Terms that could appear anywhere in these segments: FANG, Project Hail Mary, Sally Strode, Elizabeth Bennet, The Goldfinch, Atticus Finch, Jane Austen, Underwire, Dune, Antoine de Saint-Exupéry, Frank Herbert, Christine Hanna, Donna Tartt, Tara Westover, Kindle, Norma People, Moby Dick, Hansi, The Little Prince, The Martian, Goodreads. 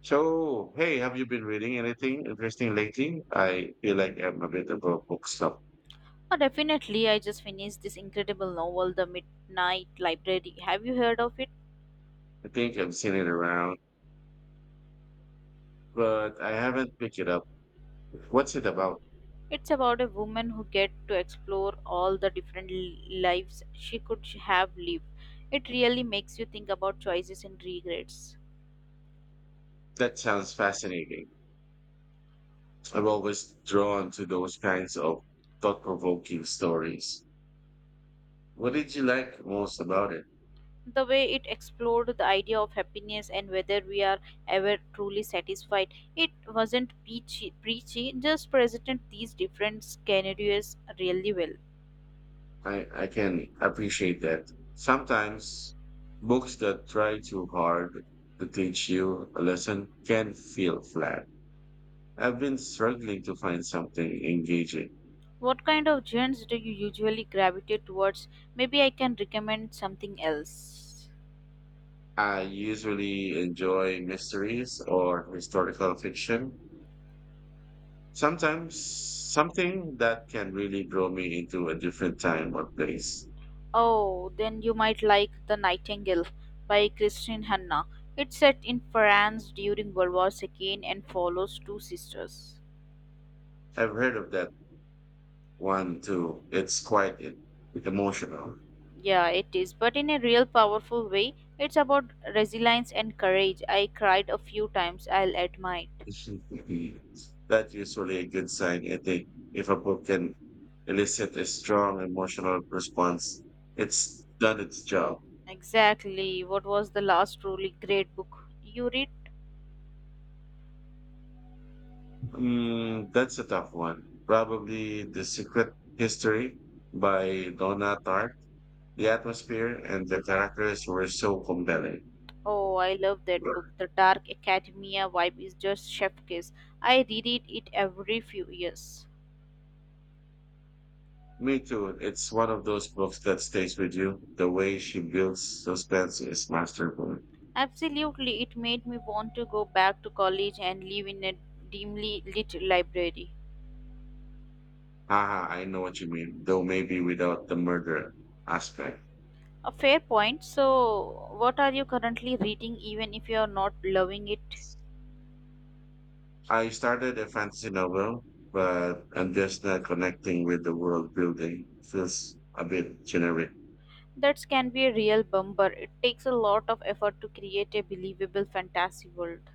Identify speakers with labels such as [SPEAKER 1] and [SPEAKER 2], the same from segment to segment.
[SPEAKER 1] So, hey, have you been reading anything interesting lately? I feel like I'm a bit of a book snob.
[SPEAKER 2] Oh, definitely. I just finished this incredible novel, The Midnight Library. Have you heard of it?
[SPEAKER 1] I think I've seen it around, but I haven't picked it up. What's it about?
[SPEAKER 2] It's about a woman who gets to explore all the different lives she could have lived. It really makes you think about choices and regrets.
[SPEAKER 1] That sounds fascinating. I'm always drawn to those kinds of thought-provoking stories. What did you like most about it?
[SPEAKER 2] The way it explored the idea of happiness and whether we are ever truly satisfied, it wasn't preachy, just presented these different scenarios really well.
[SPEAKER 1] I can appreciate that. Sometimes books that try too hard to teach you a lesson can feel flat. I've been struggling to find something engaging.
[SPEAKER 2] What kind of genres do you usually gravitate towards? Maybe I can recommend something else.
[SPEAKER 1] I usually enjoy mysteries or historical fiction. Sometimes something that can really draw me into a different time or place.
[SPEAKER 2] Oh, then you might like The Nightingale by Christine Hanna. It's set in France during World War II and follows two sisters.
[SPEAKER 1] I've heard of that one too. It's quite emotional.
[SPEAKER 2] Yeah, it is, but in a real powerful way. It's about resilience and courage. I cried a few times, I'll admit.
[SPEAKER 1] That's usually a good sign, I think, if a book can elicit a strong emotional response. It's done its job.
[SPEAKER 2] Exactly. What was the last truly great book you read?
[SPEAKER 1] Mm, that's a tough one. Probably The Secret History by Donna Tartt. The atmosphere and the characters were so compelling.
[SPEAKER 2] Oh, I love that book. The dark academia vibe is just chef kiss. I reread it every few years.
[SPEAKER 1] Me too. It's one of those books that stays with you. The way she builds suspense is masterful.
[SPEAKER 2] Absolutely, it made me want to go back to college and live in a dimly lit library.
[SPEAKER 1] Haha, I know what you mean, though maybe without the murder aspect.
[SPEAKER 2] A fair point. So, what are you currently reading, even if you are not loving it?
[SPEAKER 1] I started a fantasy novel, but I'm just not connecting with the world building. Feels a bit generic.
[SPEAKER 2] That can be a real bummer. It takes a lot of effort to create a believable fantasy world.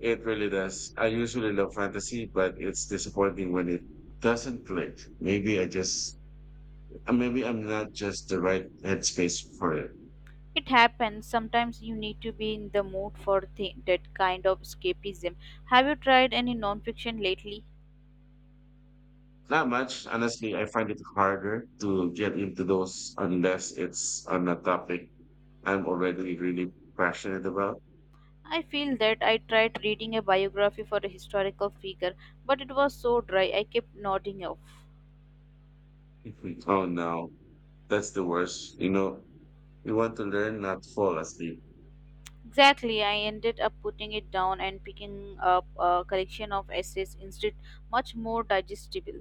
[SPEAKER 1] It really does. I usually love fantasy, but it's disappointing when it doesn't click. Maybe I'm not just the right headspace for it.
[SPEAKER 2] It happens. Sometimes you need to be in the mood for that kind of escapism. Have you tried any nonfiction lately?
[SPEAKER 1] Not much. Honestly, I find it harder to get into those unless it's on a topic I'm already really passionate about.
[SPEAKER 2] I feel that I tried reading a biography for a historical figure, but it was so dry I kept nodding off.
[SPEAKER 1] Mhm. Oh no, that's the worst. You want to learn, not fall asleep.
[SPEAKER 2] Exactly, I ended up putting it down and picking up a collection of essays instead, much more digestible.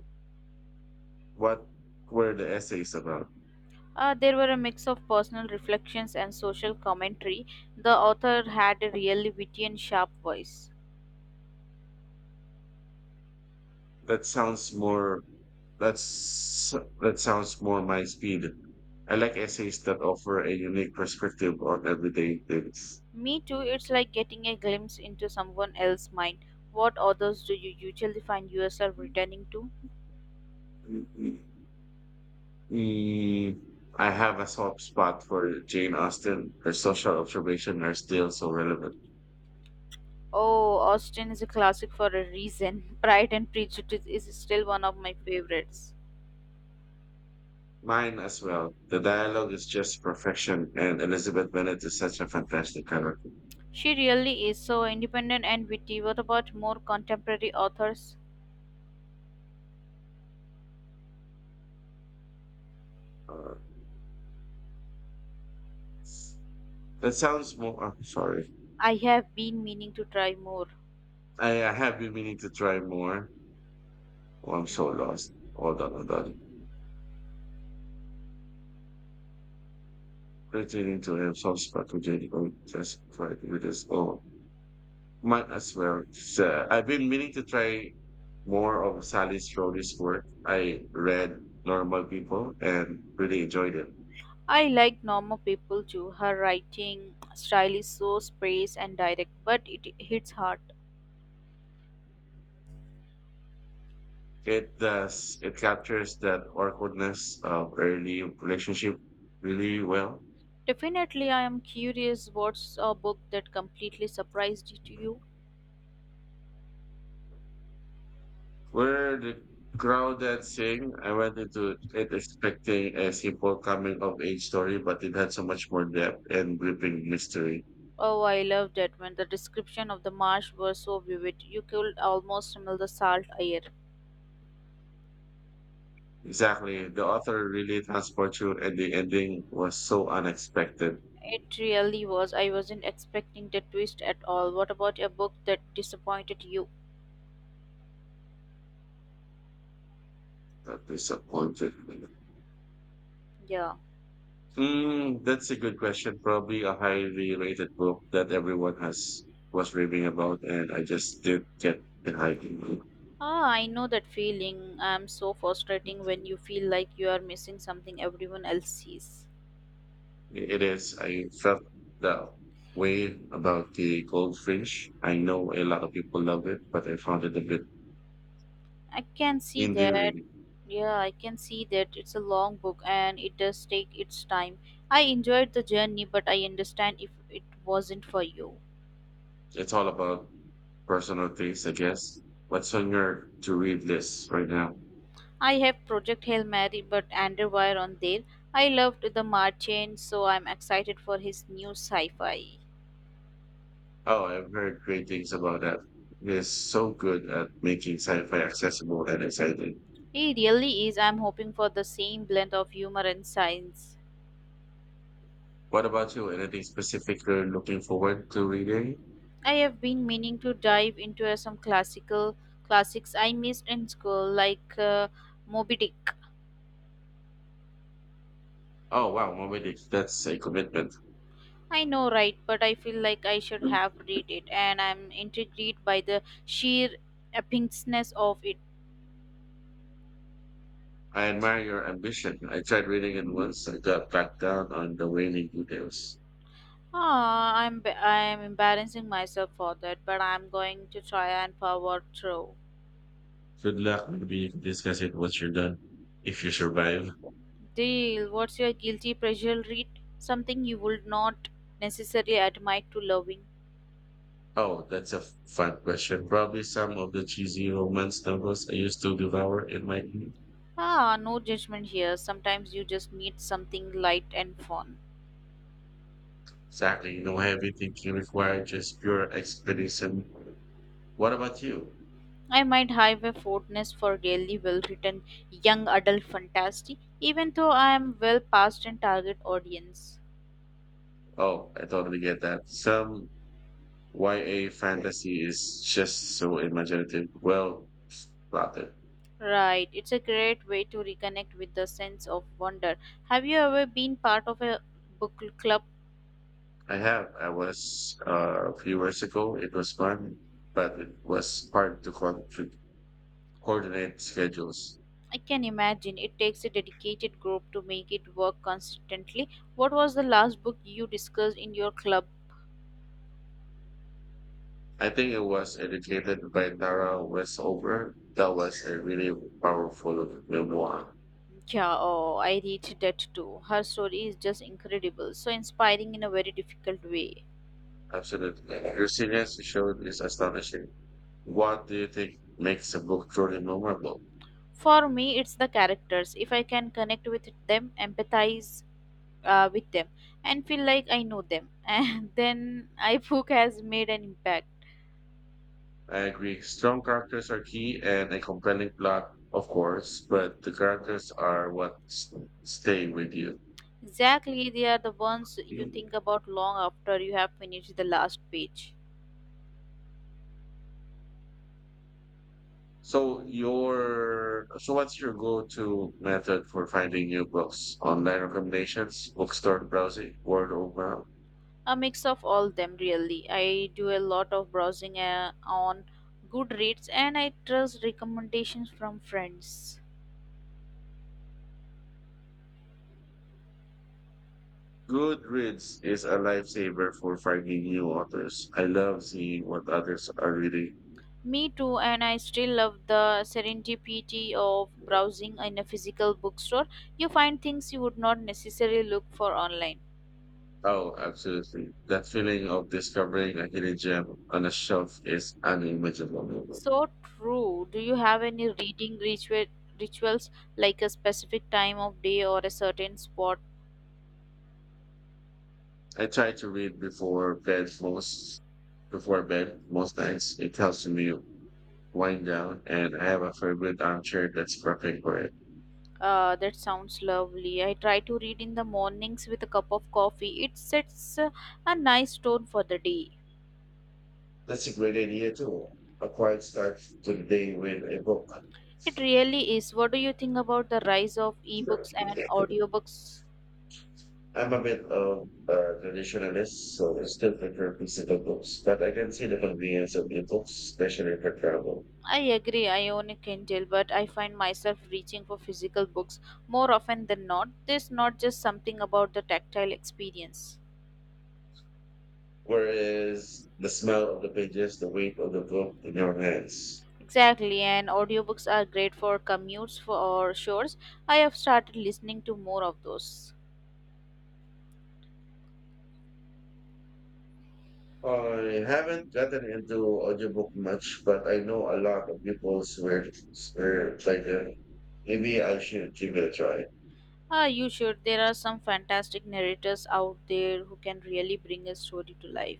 [SPEAKER 1] What were the essays about?
[SPEAKER 2] There were a mix of personal reflections and social commentary. The author had a really witty and sharp voice.
[SPEAKER 1] That sounds more, that's, that sounds more my speed. I like essays that offer a unique perspective on everyday things.
[SPEAKER 2] Me too, it's like getting a glimpse into someone else's mind. What authors do you usually find yourself returning to?
[SPEAKER 1] Mm, I have a soft spot for Jane Austen. Her social observations are still so relevant.
[SPEAKER 2] Oh, Austen is a classic for a reason. Pride and Prejudice is still one of my favorites.
[SPEAKER 1] Mine as well. The dialogue is just perfection, and Elizabeth Bennet is such a fantastic character.
[SPEAKER 2] She really is so independent and witty. What about more contemporary authors?
[SPEAKER 1] Uh, that sounds more. I'm sorry.
[SPEAKER 2] I have been meaning to try more.
[SPEAKER 1] I have been meaning to try more. Oh, I'm so
[SPEAKER 2] Hmm.
[SPEAKER 1] lost. Hold on, hold on. Returning to a soft spot for Jane Austen just try to read this. Oh, might as well. So I've been meaning to try more of Sally Strode's work. I read Normal People and really enjoyed it.
[SPEAKER 2] I like Norma People too. Her writing style is so spaced and direct, but it hits hard.
[SPEAKER 1] It does, it captures that awkwardness of early relationship really well.
[SPEAKER 2] Definitely, I am curious what's a book that completely surprised you?
[SPEAKER 1] Where the crowd that sing, I went into it expecting a simple coming of age story, but it had so much more depth and gripping mystery.
[SPEAKER 2] Oh, I loved that when the description of the marsh was so vivid. You could almost smell the salt air.
[SPEAKER 1] Exactly. The author really transports you and the ending was so unexpected.
[SPEAKER 2] It really was. I wasn't expecting that twist at all. What about a book that disappointed you?
[SPEAKER 1] That disappointed me.
[SPEAKER 2] Yeah.
[SPEAKER 1] Mm, that's a good question. Probably a highly rated book that everyone has was raving about, and I just did get behind
[SPEAKER 2] Ah, I know that feeling. I'm so frustrating when you feel like you are missing something everyone else sees.
[SPEAKER 1] it. It is. I felt the way about the Goldfinch. I know a lot of people love it, but I found it a bit
[SPEAKER 2] I can see that.
[SPEAKER 1] endearing.
[SPEAKER 2] Yeah, I can see that it's a long book and it does take its time. I enjoyed the journey, but I understand if it wasn't for you.
[SPEAKER 1] It's all about personal things, I guess. What's on your to-read list right now?
[SPEAKER 2] I have Project Hail Mary but Underwire on there. I loved the Martian, so I'm excited for his new sci fi.
[SPEAKER 1] Oh, I've heard great things about that. It is so good at making sci-fi accessible and exciting.
[SPEAKER 2] He really is. I'm hoping for the same blend of humor and science.
[SPEAKER 1] What about you? Anything specific you're looking forward to reading?
[SPEAKER 2] I have been meaning to dive into some classical classics I missed in school, like Moby Dick.
[SPEAKER 1] Oh, wow, Moby Dick. That's a commitment.
[SPEAKER 2] I know, right? But I feel like I should have read it, and I'm intrigued by the sheer epicsness of it.
[SPEAKER 1] I admire your ambition. I tried reading it once. I got back down on the waning details.
[SPEAKER 2] Ah, I'm embarrassing myself for that, but I'm going to try and power through.
[SPEAKER 1] Good luck. Maybe you can discuss it once you're done, if you survive.
[SPEAKER 2] Deal. What's your guilty pleasure read? Something you would not necessarily admit to loving.
[SPEAKER 1] Oh, that's a fun question. Probably some of the cheesy romance novels I used to devour in my youth.
[SPEAKER 2] Ah, no judgment here. Sometimes you just need something light and fun.
[SPEAKER 1] Exactly. No heavy thinking required, just pure expedition. What about you?
[SPEAKER 2] I might have a fondness for really well written young adult fantasy, even though I am well past in target audience.
[SPEAKER 1] Oh, I totally get that. Some YA fantasy is just so imaginative, well plotted.
[SPEAKER 2] Right, it's a great way to reconnect with the sense of wonder. Have you ever been part of a book club?
[SPEAKER 1] I have. I was a few years ago. It was fun, but it was hard to coordinate schedules.
[SPEAKER 2] I can imagine it takes a dedicated group to make it work consistently. What was the last book you discussed in your club?
[SPEAKER 1] I think it was educated by Tara Westover. That was a really powerful memoir.
[SPEAKER 2] Yeah, oh, I read that too. Her story is just incredible, so inspiring in a very difficult way.
[SPEAKER 1] Absolutely. Your seriousness showed is astonishing. What do you think makes a book truly memorable?
[SPEAKER 2] For me, it's the characters. If I can connect with them, empathize with them, and feel like I know them, and then I book has made an impact.
[SPEAKER 1] I agree. Strong characters are key and a compelling plot, of course, but the characters are what stay with you.
[SPEAKER 2] Exactly, they are the ones you think about long after you have finished the last page.
[SPEAKER 1] So what's your go-to method for finding new books? Online recommendations, bookstore browsing, word of mouth.
[SPEAKER 2] A mix of all them, really. I do a lot of browsing on Goodreads, and I trust recommendations from friends.
[SPEAKER 1] Goodreads is a lifesaver for finding new authors. I love seeing what others are reading.
[SPEAKER 2] Me too, and I still love the serendipity of browsing in a physical bookstore. You find things you would not necessarily look for online.
[SPEAKER 1] Oh, absolutely. That feeling of discovering a hidden gem on a shelf is unimaginable.
[SPEAKER 2] So true. Do you have any reading rituals like a specific time of day or a certain spot?
[SPEAKER 1] I try to read before bed most nights. It helps me wind down, and I have a favorite armchair that's perfect for it.
[SPEAKER 2] That sounds lovely. I try to read in the mornings with a cup of coffee. It sets a nice tone for the day.
[SPEAKER 1] That's a great idea too. A quiet start to the day with a book.
[SPEAKER 2] It really is. What do you think about the rise of ebooks and audiobooks?
[SPEAKER 1] I'm a bit of a traditionalist, so I still prefer physical books, but I can see the convenience of ebooks, especially for travel.
[SPEAKER 2] I agree, I own a Kindle, but I find myself reaching for physical books more often than not. There's not just something about the tactile experience.
[SPEAKER 1] Whereas the smell of the pages, the weight of the book in your hands.
[SPEAKER 2] Exactly, and audiobooks are great for commutes or shores. I have started listening to more of those.
[SPEAKER 1] I haven't gotten into audiobook much, but I know a lot of people swear like them. Maybe I should give it a try.
[SPEAKER 2] Ah, you should. There are some fantastic narrators out there who can really bring a story to life.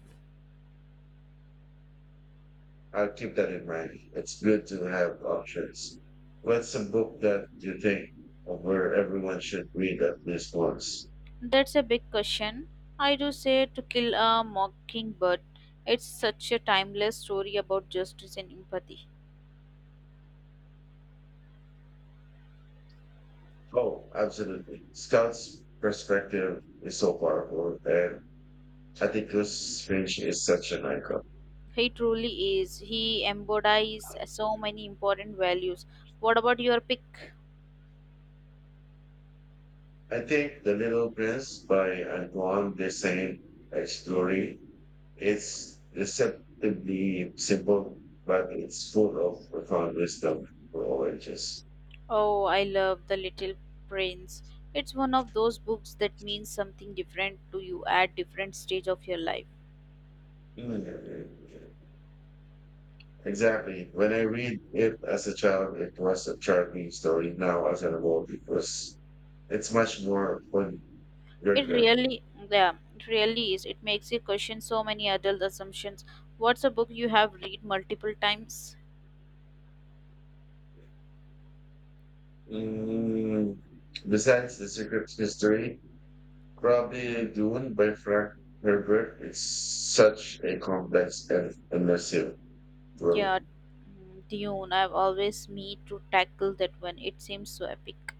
[SPEAKER 1] I'll keep that in mind. It's good to have options. What's a book that you think of where everyone should read at least once?
[SPEAKER 2] That's a big question. I do say to kill a mockingbird. It's such a timeless story about justice and empathy.
[SPEAKER 1] Oh, absolutely. Scott's perspective is so powerful, and Atticus Finch is such an icon.
[SPEAKER 2] He truly is. He embodies so many important values. What about your pick?
[SPEAKER 1] I think The Little Prince by Antoine de Saint-Exupéry. It's deceptively simple, but it's full of profound wisdom for all ages.
[SPEAKER 2] Oh, I love The Little Prince. It's one of those books that means something different to you at different stage of your life.
[SPEAKER 1] Mm. Exactly. When I read it as a child, it was a charming story. Now, as an adult, it's much more fun. Your
[SPEAKER 2] It
[SPEAKER 1] grip.
[SPEAKER 2] really, yeah, it really is. It makes you question so many adult assumptions. What's a book you have read multiple times?
[SPEAKER 1] Mm. Besides the secret history, probably Dune by Frank Herbert is such a complex and immersive story.
[SPEAKER 2] Yeah, Dune. I've always me to tackle that one. It seems so epic.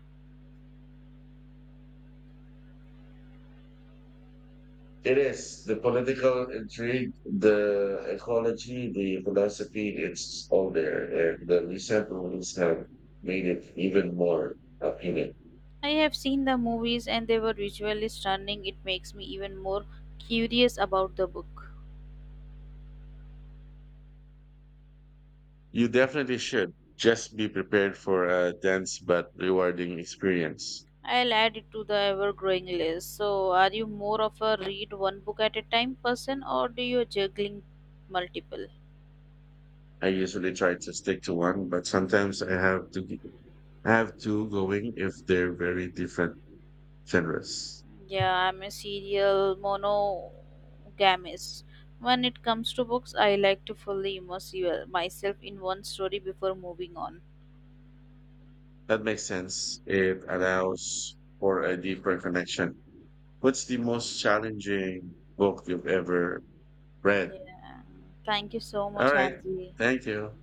[SPEAKER 1] It is the political intrigue, the ecology, the philosophy, it's all there. And the recent rulings have made it even more appealing.
[SPEAKER 2] I have seen the movies and they were visually stunning. It makes me even more curious about the book.
[SPEAKER 1] You definitely should. Just be prepared for a dense but rewarding experience.
[SPEAKER 2] I'll add it to the ever growing list. So, are you more of a read one book at a time person or do you juggling multiple?
[SPEAKER 1] I usually try to stick to one, but sometimes I have to I have two going if they're very different genres.
[SPEAKER 2] Yeah, I'm a serial monogamist. When it comes to books, I like to fully immerse myself in one story before moving on.
[SPEAKER 1] That makes sense. It allows for a deeper connection. What's the most challenging book you've ever read?
[SPEAKER 2] Yeah. Thank you so much,
[SPEAKER 1] All right.
[SPEAKER 2] Hansi.
[SPEAKER 1] Thank you.